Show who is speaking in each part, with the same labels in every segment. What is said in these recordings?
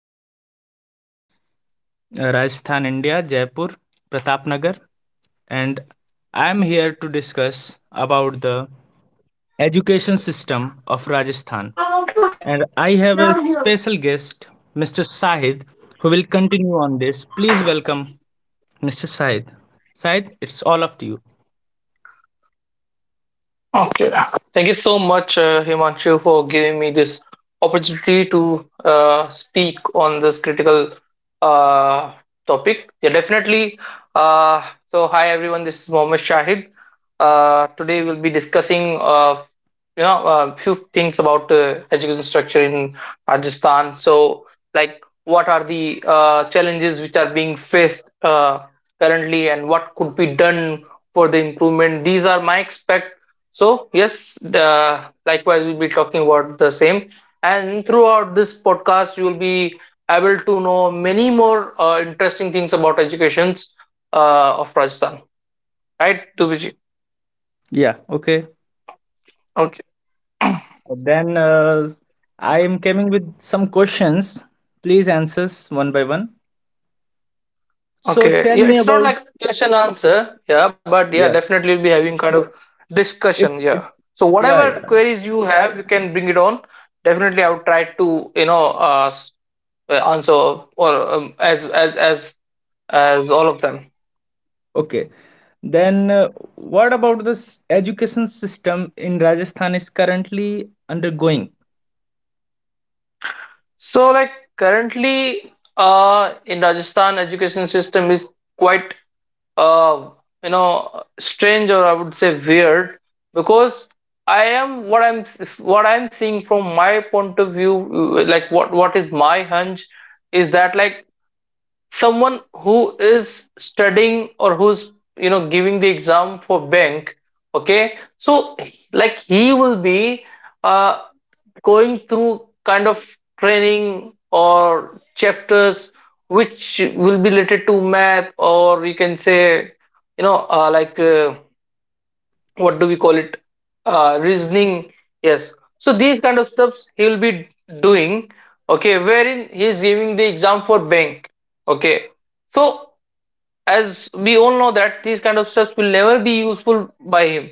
Speaker 1: Teleperformance, Rajasthan, India, Jaipur, Pratapnagar, and I am here to discuss about the education system of
Speaker 2: Ama
Speaker 1: Rajasthan.
Speaker 2: bak ne
Speaker 1: And I have
Speaker 2: yapıyorum?
Speaker 1: a special guest, Mr. Sahid, who will continue on this. Please welcome Mr. Sahid. Sahid, it's all up to you.
Speaker 2: Okay. Thank you so much, Himanshu, for giving me this opportunity to speak on this critical uh, topic. Yeah, definitely. Hi everyone. This is Mohammed Shahid. Today we'll be discussing, a education structure in Rajasthan. So, like, what are the challenges which are being faced currently, and what could be done for the improvement. These are my expect. So yes, likewise we'll be talking about the same. And throughout this podcast, you will be able to know many more interesting things about educations of Rajasthan, right, Dubiji?
Speaker 1: Yeah, okay.
Speaker 2: Okay,
Speaker 1: Then I am coming with some questions. Please answer one by one. So
Speaker 2: okay.
Speaker 1: tell
Speaker 2: Yeah,
Speaker 1: me
Speaker 2: it's not
Speaker 1: about
Speaker 2: like question answer. Yeah, but yeah,
Speaker 1: yeah,
Speaker 2: definitely we'll be having kind of discussion.
Speaker 1: it's
Speaker 2: Yeah.
Speaker 1: it's
Speaker 2: So
Speaker 1: yeah,
Speaker 2: whatever
Speaker 1: yeah,
Speaker 2: queries you have, you can bring it on. Definitely, I would try to also or as all of them.
Speaker 1: okay. Then what about this education system in Rajasthan is currently undergoing?
Speaker 2: So like currently in Rajasthan education system is quite uh you know strange, or I would say weird, because I am what I'm what I'm seeing from my point of view, like what is my hunch is that like someone who is studying or who's you know giving the exam for bank. Okay, so like he will be uh, going through kind of training or chapters which will be related to math, or you can say you know what do we call it, reasoning. Yes, so these kind of stuffs he will be doing. Okay, wherein he is giving the exam for bank. Okay, so as we all know that these kind of steps will never be useful by him.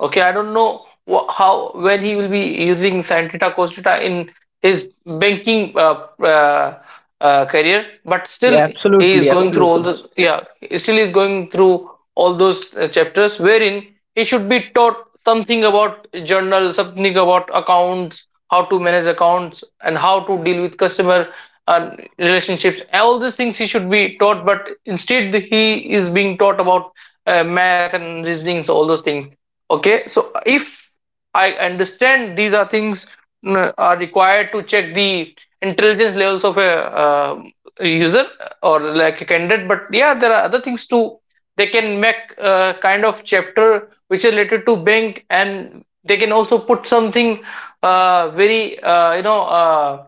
Speaker 2: Okay, I don't know how when he will be using sin theta cos theta in his banking career, but
Speaker 1: Yeah,
Speaker 2: still he is
Speaker 1: absolutely,
Speaker 2: going through all
Speaker 1: absolutely.
Speaker 2: those. Yeah, he is going through all those chapters wherein he should be taught something about journal, something about accounts, how to manage accounts, and how to deal with customer and relationships. All these things he should be taught, but instead he is being taught about math and reasonings, all those things. Okay, so if I understand, these are things, are required to check the intelligence levels of a uh, user or like a candidate. But yeah, there are other things too. They can make a kind of chapter which is related to bank, and they can also put something very you know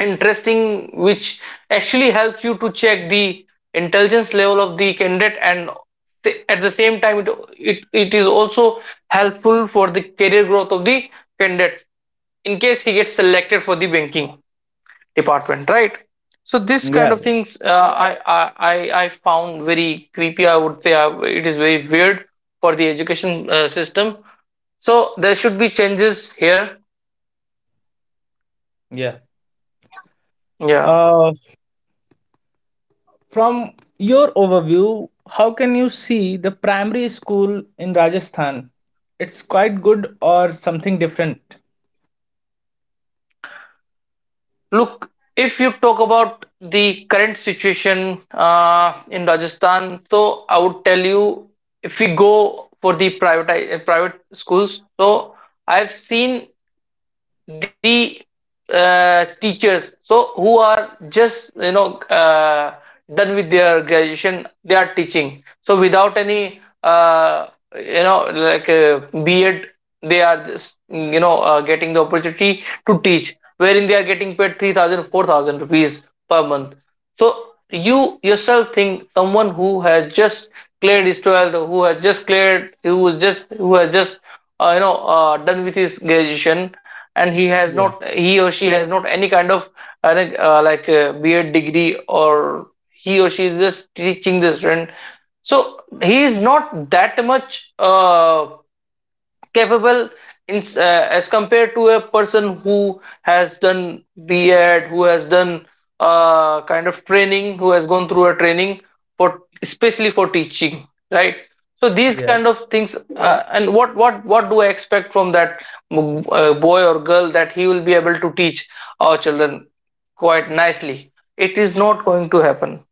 Speaker 2: interesting, which actually helps you to check the intelligence level of the candidate, and at the same time it is also helpful for the career growth of the candidate in case he gets selected for the banking department, right? So this kind
Speaker 1: Yeah.
Speaker 2: of things, I found very creepy, I would say. It is very weird for the education system, so there should be changes here.
Speaker 1: Yeah.
Speaker 2: Yeah.
Speaker 1: Uh, from your overview, how can you see the primary school in Rajasthan? It's quite good or something different?
Speaker 2: Look, if you talk about the current situation in Rajasthan, so I would tell you, if we go for the private schools, so I've seen the teachers, so who are just you know done with their graduation, they are teaching, so without any you know like bed. They are just you know getting the opportunity to teach, wherein they are getting paid 3,000, 4,000 rupees per month. So you yourself think, someone who has just cleared his 12th, who is just who has just you know done with his graduation, and he has
Speaker 1: Yeah.
Speaker 2: not, he or she has not any kind of BA degree, or he or she is just teaching the student. So he is not that much capable, as compared to a person who has done B.Ed, who has done kind of training, who has gone through a training for especially for teaching, right? So these kind
Speaker 1: Yes.
Speaker 2: of things, and what do I expect from that, boy or girl, that he will be able to teach our children quite nicely? It is not going to happen.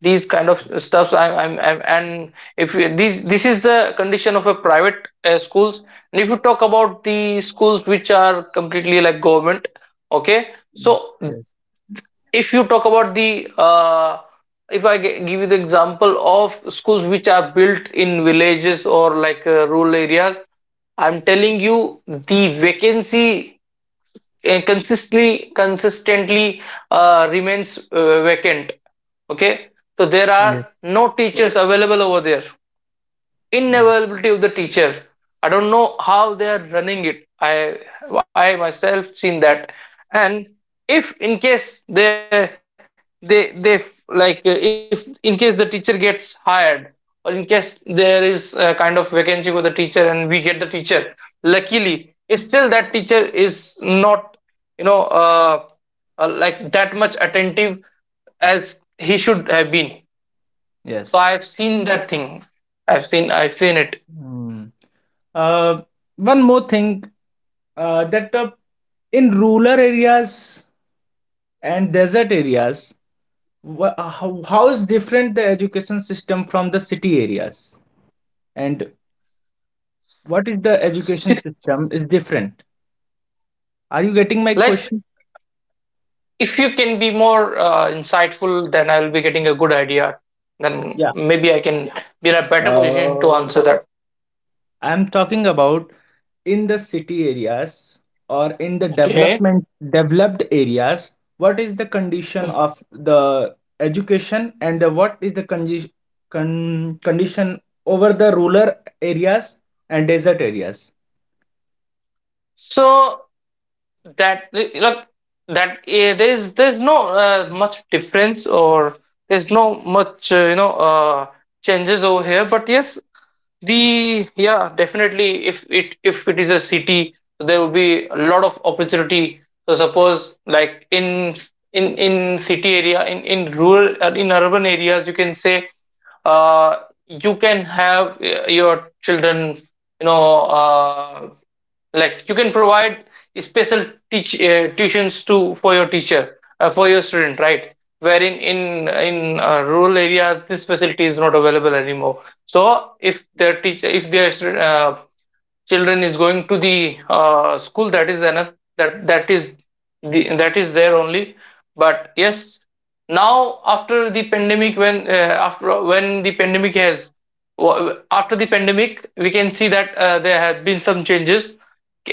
Speaker 2: These kind of stuffs, I'm, and if you, these this is the condition of a private schools. And if you talk about the schools which are completely like government. Okay, so
Speaker 1: Yes.
Speaker 2: if you talk about the if I give you the example of schools which are built in villages, or like rural areas, I'm telling you the vacancy consistently remains vacant. Okay, so there are
Speaker 1: Yes.
Speaker 2: no teachers available over there.
Speaker 1: Yes.
Speaker 2: Inevitability of the teacher. I don't know how they are running it. I myself seen that. And if in case they like, if in case the teacher gets hired, or in case there is a kind of vacancy for the teacher and we get the teacher luckily, still that teacher is not you know like that much attentive as he should have been. So
Speaker 1: Yes.
Speaker 2: I've seen that thing. I've seen
Speaker 1: Hmm. Uh, one more thing that in rural areas and desert areas, how is different the education system from the city areas? And what is the education
Speaker 2: it.
Speaker 1: system is different? Are you getting my
Speaker 2: Like,
Speaker 1: question?
Speaker 2: if you can be more insightful, then I'll be getting a good idea. Then
Speaker 1: Yeah.
Speaker 2: maybe I can be in a better position to
Speaker 1: Uh,
Speaker 2: answer that.
Speaker 1: I'm talking about in the city areas or in the
Speaker 2: Okay.
Speaker 1: development developed areas, what is the condition of the education and the, what is the condition over the rural areas and desert areas?
Speaker 2: So that like there's no much difference, or there's no much changes over here. But yes, The yeah, definitely. If it is a city, there will be a lot of opportunity. So suppose like in city area, in rural in urban areas, you can say, uh, you can have your children, you know, like you can provide special teach tuitions to for your teacher for your student, right? Wherein in rural areas, this facility is not available anymore. So if their teacher, if their uh, children is going to the school, that is enough. That that is The, that is there only. But yes, now after the pandemic when after when the pandemic has after the pandemic we can see that there have been some changes,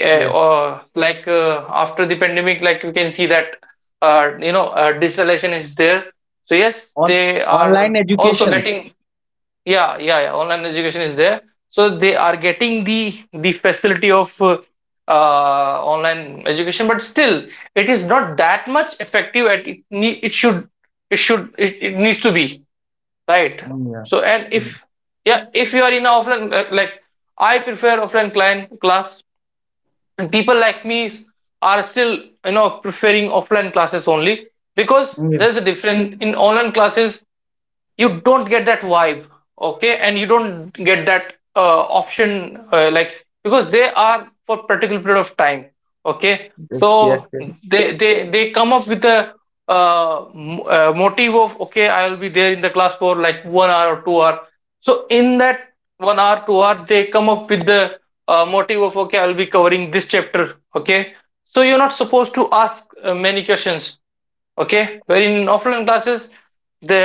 Speaker 1: Yes.
Speaker 2: or like after the pandemic, like we can see that deceleration is there. So yes,
Speaker 1: On
Speaker 2: they are
Speaker 1: online
Speaker 2: also
Speaker 1: educations.
Speaker 2: getting, yeah, yeah, yeah. Online education is there. So they are getting the facility of online education, but still it is not that much effective at it need, it should, it, it needs to be, right?
Speaker 1: Mm, yeah.
Speaker 2: So and
Speaker 1: Mm,
Speaker 2: if, yeah, if you are in a offline like I prefer offline client class, and people like me are still you know preferring offline classes only, because
Speaker 1: mm, yeah.
Speaker 2: there's a difference in online classes. You don't get that vibe. Okay, and you don't get that option, like because they are for particular period of time. Okay,
Speaker 1: Yes, yes,
Speaker 2: so
Speaker 1: yes.
Speaker 2: they come up with a motive of okay, I will be there in the class for like 1 hour or 2 hour. So in that 1 hour 2 hour, they come up with the motive of okay, I will be covering this chapter. Okay, so you're not supposed to ask many questions. Okay, where in offline classes, the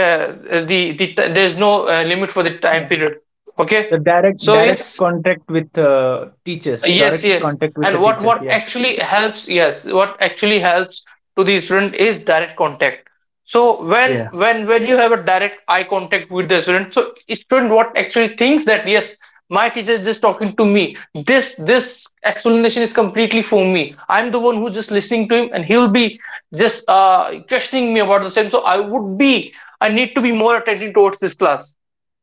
Speaker 2: the, the there's no limit for the time
Speaker 1: Yeah.
Speaker 2: period. Okay,
Speaker 1: The direct
Speaker 2: so yes.
Speaker 1: direct contact with teachers,
Speaker 2: Yes
Speaker 1: direct
Speaker 2: yes
Speaker 1: contact with the
Speaker 2: and
Speaker 1: teachers.
Speaker 2: what
Speaker 1: Yeah.
Speaker 2: actually helps, yes, what actually helps to the student is direct contact. So
Speaker 1: Yeah.
Speaker 2: when you have a direct eye contact with the student, so student what actually thinks that, yes, my teacher is just talking to me, this explanation is completely for me. I'm the one who's just listening to him, and he will be just questioning me about the same. So I need to be more attentive towards this class.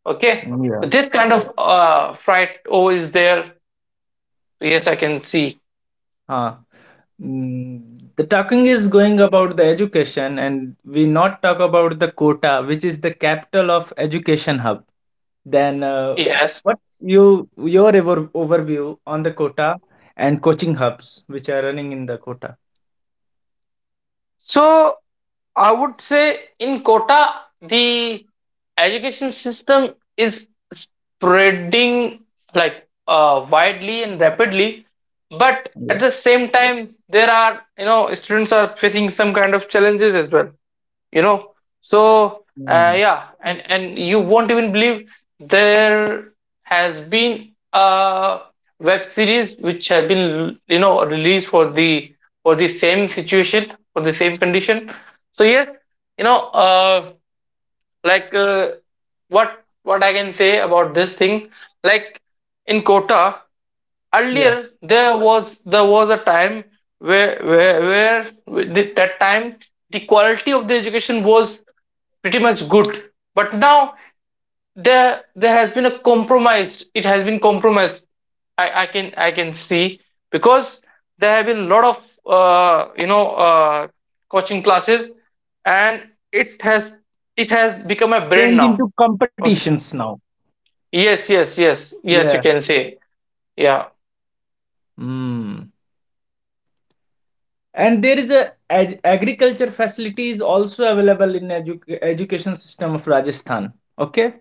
Speaker 2: Okay,
Speaker 1: Mm,
Speaker 2: so this kind
Speaker 1: yeah.
Speaker 2: of fright always there. Yes, I can see.
Speaker 1: Ah, mm, the talking is going about the education, and we not talk about the Kota, which is the capital of education hub. Then,
Speaker 2: Yes.
Speaker 1: what you your overview on the Kota and coaching hubs which are running in the Kota?
Speaker 2: So I would say in Kota, the education system is spreading like widely and rapidly, but
Speaker 1: Yeah.
Speaker 2: at the same time, there are, you know, students are facing some kind of challenges as well. you know
Speaker 1: Mm.
Speaker 2: yeah, and you won't even believe there has been a web series which have been released for the same situation for the same condition. So yes, you know uh, like uh, what what I can say about this thing, like in Kota
Speaker 1: Yeah.
Speaker 2: earlier, there was a time where that time the quality of the education was pretty much good, but now there has been a compromise. It has been compromised, I can see, because there have been a lot of uh, you know uh, coaching classes, and it has become a brand
Speaker 1: Change
Speaker 2: now.
Speaker 1: into
Speaker 2: Okay,
Speaker 1: competitions now.
Speaker 2: yes, you
Speaker 1: Yeah.
Speaker 2: can say. Yeah.
Speaker 1: Mm. And there is a ag agriculture facility is also available in education system of Rajasthan. Okay.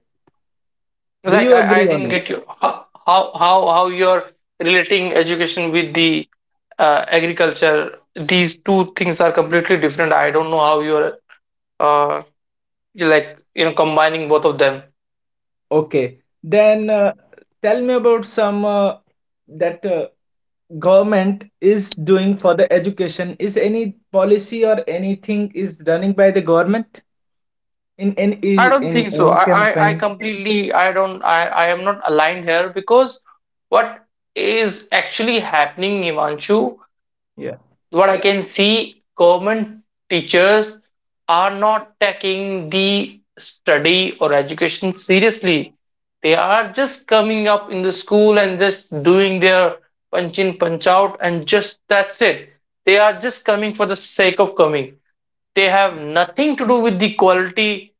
Speaker 1: Do
Speaker 2: Like
Speaker 1: you
Speaker 2: I
Speaker 1: agree
Speaker 2: didn't
Speaker 1: on it?
Speaker 2: get you. How how you're relating education with the agriculture? These two things are completely different. I don't know how you're uh you like you know combining both of them.
Speaker 1: Okay, then tell me about some that government is doing for the education. Is any policy or anything is running by the government in
Speaker 2: I don't
Speaker 1: in
Speaker 2: think so.
Speaker 1: any
Speaker 2: I
Speaker 1: campaign?
Speaker 2: completely, I don't I am not aligned here, because what is actually happening, Ivanshu?
Speaker 1: Yeah.
Speaker 2: What I can see, government teachers are not taking the study or education seriously. They are just coming up in the school and just doing their punch in, punch out, and just that's it. They are just coming for the sake of coming. They have nothing to do with the quality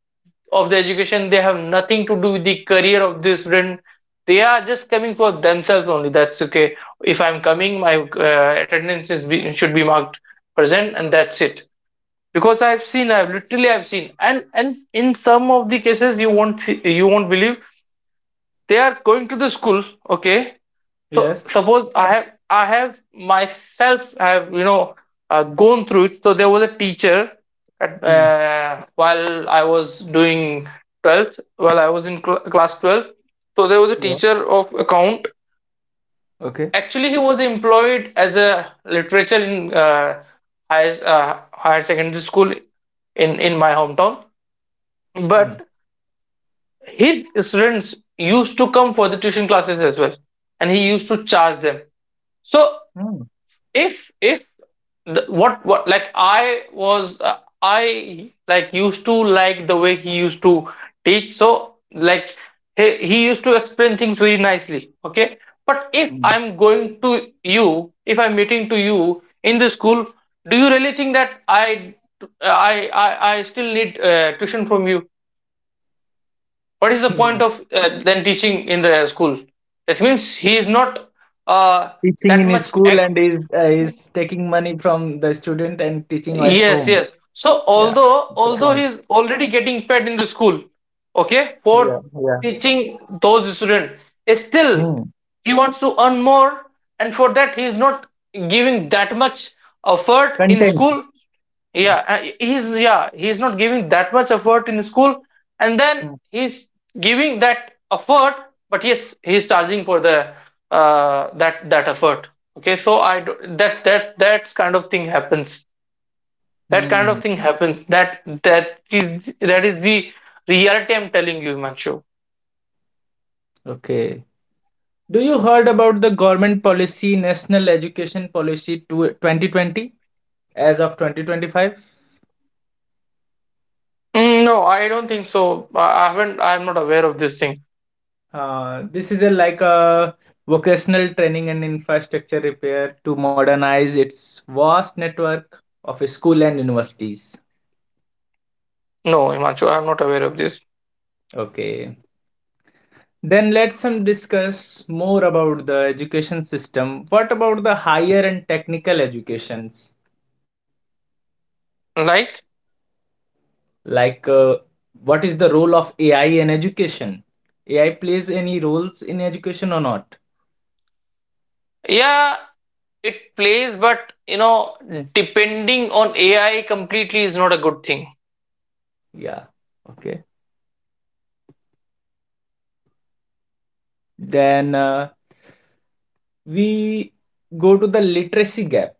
Speaker 2: of the education. They have nothing to do with the career of the student. They are just coming for themselves only. That's okay. If I'm coming, my attendance should be marked present and that's it. Because I've seen, I've literally I've seen, and in some of the cases you won't see, you won't believe, they are going to the school. Okay, so
Speaker 1: Yes.
Speaker 2: suppose I have myself have gone through it. So there was a teacher at,
Speaker 1: Hmm.
Speaker 2: while I was doing 12th, while I was in class 12, so there was a
Speaker 1: Yeah.
Speaker 2: teacher of account.
Speaker 1: Okay.
Speaker 2: Actually he was employed as a literature in higher, higher secondary school in my hometown,
Speaker 1: Hmm.
Speaker 2: but his students used to come for the tuition classes as well, and he used to charge them. So
Speaker 1: Hmm.
Speaker 2: if the, what like I was I used to like the way he used to teach. So like he used to explain things very nicely, okay. But if
Speaker 1: Hmm.
Speaker 2: I'm going to you, if I'm meeting to you in the school, do you really think that I I still need tuition from you? What is the point of then teaching in the school? That means he is not uh,
Speaker 1: Teaching
Speaker 2: that
Speaker 1: in his
Speaker 2: much
Speaker 1: school
Speaker 2: ac-.
Speaker 1: and is taking money from the student and teaching at
Speaker 2: Yes,
Speaker 1: home.
Speaker 2: yes. So
Speaker 1: Yeah,
Speaker 2: although
Speaker 1: that's the
Speaker 2: although
Speaker 1: point.
Speaker 2: he's already getting paid in the school, okay,
Speaker 1: Yeah.
Speaker 2: for
Speaker 1: Yeah.
Speaker 2: teaching those students, eh, still
Speaker 1: Hmm.
Speaker 2: he wants to earn more, and for that he is not giving that much effort in
Speaker 1: Content.
Speaker 2: school.
Speaker 1: Hmm.
Speaker 2: Yeah, he's yeah he's not giving that much effort in school, and then
Speaker 1: Hmm.
Speaker 2: he's giving that effort, but yes, he's charging for the that effort. Okay, so I do, that's kind of thing happens. That kind
Speaker 1: Hmm.
Speaker 2: of thing happens. That is that is the reality, I'm telling you, Himanshu.
Speaker 1: Okay. Do you heard about the government policy, National Education Policy to 2020 as of 2025?
Speaker 2: Mm, no, I don't think so. I haven't, I'm not aware of this thing.
Speaker 1: This is a like a vocational training and infrastructure repair to modernize its vast network of school and universities.
Speaker 2: No, Himanshu, I'm not aware of this.
Speaker 1: Okay. Then let's some discuss more about the education system. What about the higher and technical educations?
Speaker 2: Like,
Speaker 1: Like what is the role of AI in education? AI plays any roles in education or not?
Speaker 2: yeah, it plays, but you know, depending on AI completely is not a good thing.
Speaker 1: Yeah, okay. Then we go to the literacy gap.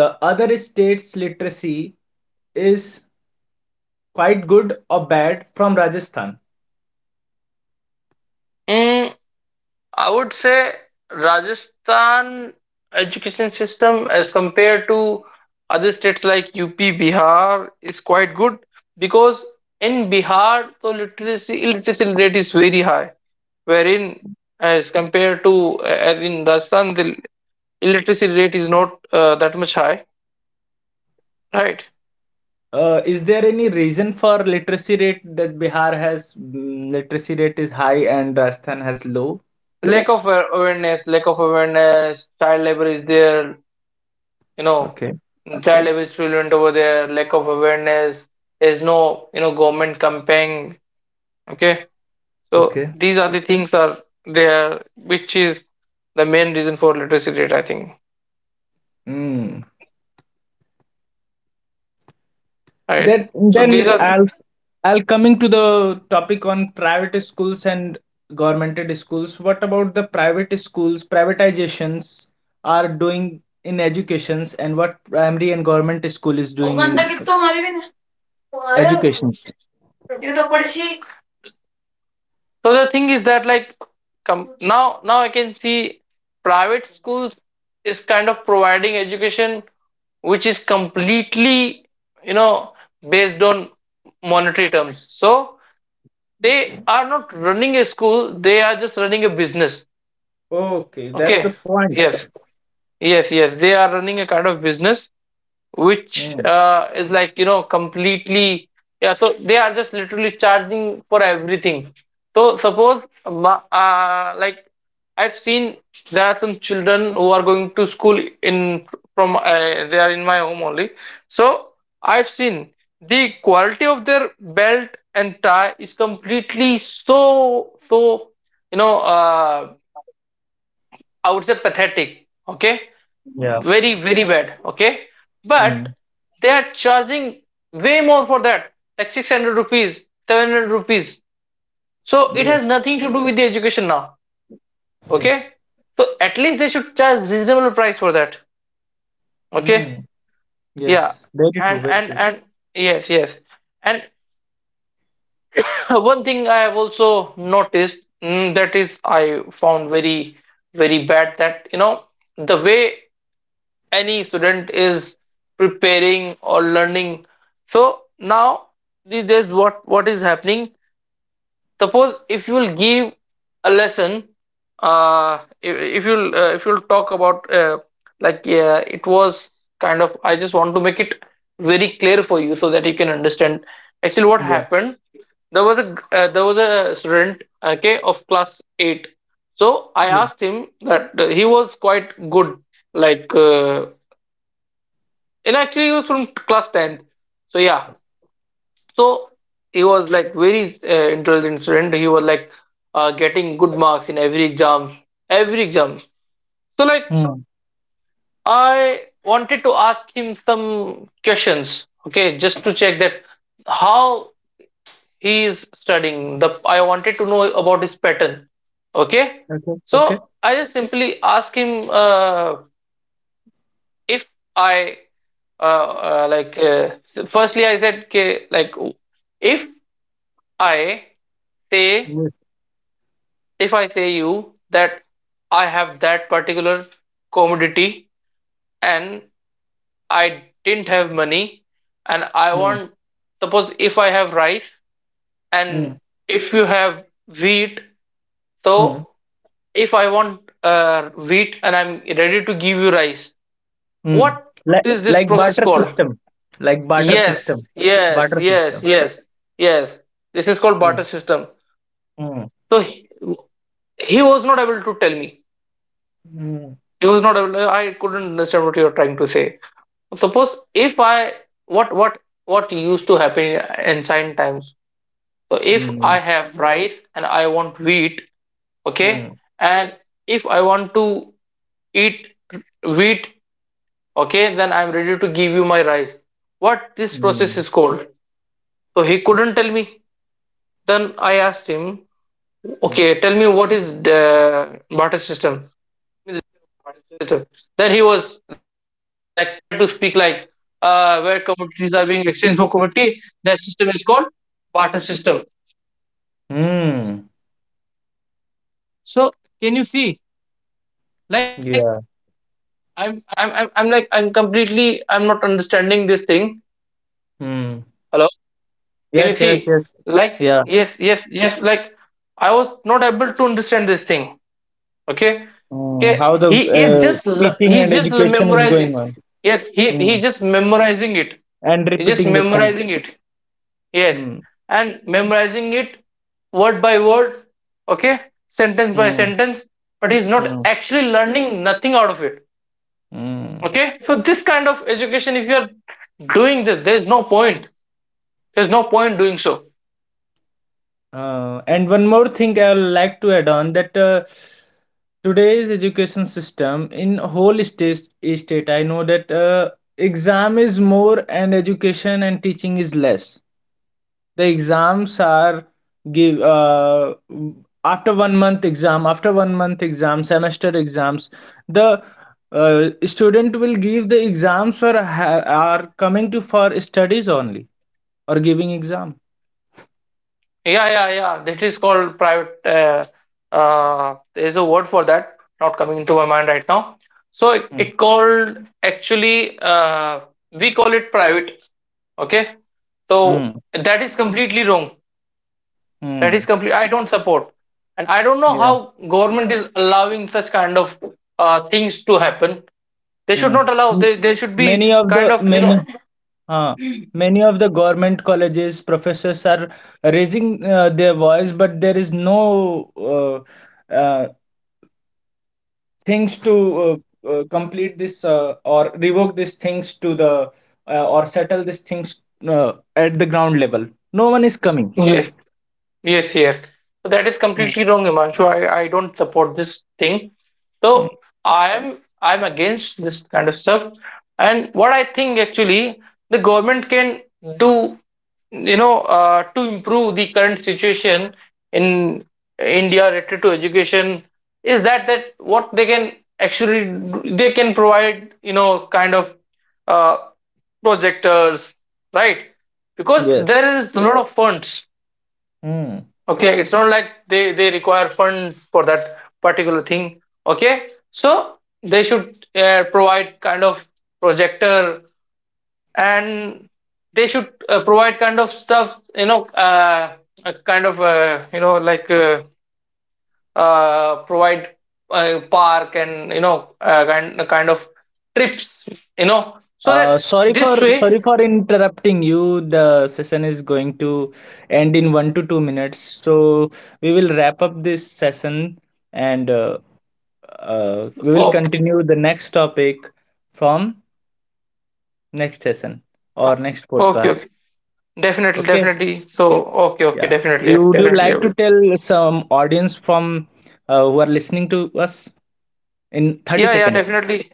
Speaker 1: The other states literacy is quite good or bad from Rajasthan?
Speaker 2: Mm, I would say Rajasthan education system as compared to other states like UP, Bihar is quite good, because in Bihar the literacy illiteracy rate is very high, wherein as compared to as in Rajasthan the illiteracy rate is not that much high, right?
Speaker 1: Uh, is there any reason for literacy rate that Bihar has mm, literacy rate is high and Rajasthan has low?
Speaker 2: Lack of awareness, child labor is there, you know,
Speaker 1: Okay.
Speaker 2: child abuse prevalent over there, lack of awareness. There's no, you know, government campaign. Okay, so
Speaker 1: Okay.
Speaker 2: these are the things are there which is the main reason for literacy rate, I think,
Speaker 1: Hmm.
Speaker 2: right?
Speaker 1: That
Speaker 2: So these
Speaker 1: then
Speaker 2: are the-.
Speaker 1: I'll coming to the topic on private schools and governmented schools. What about the private schools? Privatizations are doing in educations, and what primary and government school is doing in
Speaker 2: So
Speaker 1: educations.
Speaker 2: the thing is that, like, come, now I can see private schools is kind of providing education which is completely, you know, based on monetary terms. So they are not running a school, they are just running a business.
Speaker 1: Okay,
Speaker 2: Okay,
Speaker 1: that's the point.
Speaker 2: yes, yes, they are running a kind of business which
Speaker 1: Mm,
Speaker 2: is like, you know, completely, yeah, so they are just literally charging for everything. So suppose ma- uh, like I've seen there are some children who are going to school in from they are in my home only. So I've seen the quality of their belt and tie is completely so, you know, I would say pathetic, okay,
Speaker 1: yeah.
Speaker 2: very very bad, okay, but
Speaker 1: Mm.
Speaker 2: they are charging way more for that, like 600 rupees, 700 rupees. So it
Speaker 1: Yes.
Speaker 2: has nothing to do with the education now, okay.
Speaker 1: Yes.
Speaker 2: So at least they should charge reasonable price for that, okay.
Speaker 1: Mm.
Speaker 2: Yeah.
Speaker 1: Yes. Very true.
Speaker 2: and
Speaker 1: Very
Speaker 2: and
Speaker 1: true.
Speaker 2: and yes, yes, and one thing I have also noticed, mm, that is I found very very bad, that you know, the way any student is preparing or learning. So now these days what is happening, suppose if you will give a lesson, if you'll talk about like, yeah, it was kind of, I just want to make it very clear for you so that you can understand actually what
Speaker 1: Yeah.
Speaker 2: happened. There was a student, okay, of class 8. So I
Speaker 1: Yeah.
Speaker 2: asked him that he was quite good, like and actually he was from class 10th. So yeah, so he was like very intelligent student. He was like getting good marks in every exam, every exam. So like,
Speaker 1: Mm.
Speaker 2: I wanted to ask him some questions, okay, just to check that how he is studying. The I wanted to know about his pattern, okay.
Speaker 1: Okay. Okay.
Speaker 2: So I just simply asked him, if I like firstly I said, okay, like, if I say,
Speaker 1: Yes.
Speaker 2: if I say you that I have that particular commodity, and I didn't have money, and I
Speaker 1: Mm.
Speaker 2: want, suppose if I have rice,
Speaker 1: Mm.
Speaker 2: and if you have wheat,
Speaker 1: Mm.
Speaker 2: so if I want wheat, and I'm ready to give you rice,
Speaker 1: Mm.
Speaker 2: what
Speaker 1: Like
Speaker 2: is this
Speaker 1: like
Speaker 2: process
Speaker 1: barter
Speaker 2: called?
Speaker 1: system. Like barter
Speaker 2: Yes,
Speaker 1: system. Barter system.
Speaker 2: yes. This is called barter
Speaker 1: Mm.
Speaker 2: system.
Speaker 1: Mm.
Speaker 2: So he was not able to tell me.
Speaker 1: Mm.
Speaker 2: It was not available. I couldn't understand what you are trying to say. Suppose if I what what what used to happen in ancient times. So if I
Speaker 1: Mm.
Speaker 2: have rice and I want wheat, okay, and if I want to eat wheat, okay, then I'm ready to give you my rice. What this
Speaker 1: Mm.
Speaker 2: process
Speaker 1: Mm.
Speaker 2: is called? So he couldn't tell me. Then I asked him,
Speaker 1: Mm.
Speaker 2: okay, tell me, what is the barter system?
Speaker 1: Mm. Yeah. Mm.
Speaker 2: Hello, can you
Speaker 1: Yes, yes,
Speaker 2: see?
Speaker 1: yes.
Speaker 2: Like,
Speaker 1: Yeah.
Speaker 2: yes, Like, I was not able to understand this thing. Okay,
Speaker 1: Mm.
Speaker 2: okay.
Speaker 1: How the
Speaker 2: He is just le-
Speaker 1: teaching and
Speaker 2: he's just le-
Speaker 1: education is going
Speaker 2: memorizing.
Speaker 1: on.
Speaker 2: Yes, he
Speaker 1: Mm.
Speaker 2: just memorizing.
Speaker 1: And
Speaker 2: He just
Speaker 1: repeating the things.
Speaker 2: memorizing it. Yes,
Speaker 1: Mm.
Speaker 2: and memorizing it word by word. Okay, sentence by
Speaker 1: Mm.
Speaker 2: sentence. But he's not
Speaker 1: Mm.
Speaker 2: actually learning nothing out of it.
Speaker 1: Mm.
Speaker 2: Okay, so this kind of education, if you are doing this, there is no point. There is no point doing so.
Speaker 1: And one more thing I would like to add on that today's education system in whole state, state I know that exam is more and education and teaching is less. The exams are give after 1 month exam, after 1 month exam, semester exams. The student will give the exams or are coming to for studies only or giving exam.
Speaker 2: Yeah, That is called private. There's a word for that, not coming into my mind right now. So it,
Speaker 1: Mm.
Speaker 2: it called actually we call it private. Okay, so
Speaker 1: Mm.
Speaker 2: that is completely wrong. That is
Speaker 1: Mm.
Speaker 2: complete. I don't support, and I don't know
Speaker 1: Yeah.
Speaker 2: how government is allowing such kind of things to happen. They should
Speaker 1: Hmm.
Speaker 2: not allow.
Speaker 1: M-
Speaker 2: They should be
Speaker 1: Many of
Speaker 2: kind
Speaker 1: the
Speaker 2: of you
Speaker 1: uh, many of the government colleges professors are raising their voice, but there is no things to complete this or revoke these things to the or settle these things at the ground level. No one is coming.
Speaker 2: know. Yes, yes. So that is
Speaker 1: Hmm.
Speaker 2: completely wrong, Himanshu. I don't support this thing.
Speaker 1: Hmm.
Speaker 2: So I'm against this kind of stuff. And what I think actually the government can do, you know, to improve the current situation in India related to education, is that what they can actually do- they can provide, you know, kind of uh, projectors, right? Because
Speaker 1: Yes.
Speaker 2: there is a lot of funds,
Speaker 1: Hmm.
Speaker 2: okay, it's not like they require fund for that particular thing, okay. So they should provide kind of projector, and they should provide kind of stuff, you know, a kind of you know like provide park, and you know, kind of trips, you know, so that this way.
Speaker 1: Sorry for interrupting you. The session is going to end in 1 to 2 minutes, so we will wrap up this session and we will
Speaker 2: Okay,
Speaker 1: continue the next topic from next session or next
Speaker 2: okay, okay,
Speaker 1: podcast.
Speaker 2: definitely,
Speaker 1: Okay?
Speaker 2: definitely. So okay, okay,
Speaker 1: Yeah.
Speaker 2: definitely,
Speaker 1: You would you
Speaker 2: definitely, I
Speaker 1: like to
Speaker 2: will.
Speaker 1: tell some audience from who are listening to us in 30
Speaker 2: Yeah, yeah,
Speaker 1: seconds?
Speaker 2: definitely.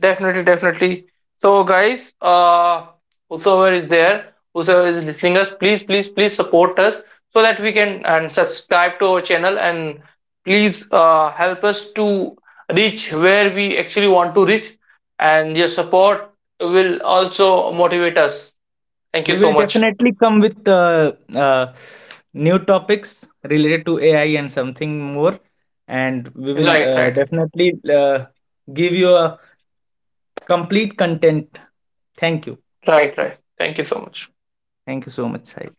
Speaker 2: Definitely, definitely. So, guys, whosoever is there, whosoever is listening us, please, please, please support us, so that we can, and subscribe to our channel, and please help us to reach where we actually want to reach. And your support will also motivate us. Thank you
Speaker 1: We
Speaker 2: so
Speaker 1: will
Speaker 2: much.
Speaker 1: definitely come with new topics related to AI and something more. And we will
Speaker 2: Right,
Speaker 1: definitely give you a complete content. Thank you.
Speaker 2: right. Thank you so much.
Speaker 1: Thank you so much, Sai.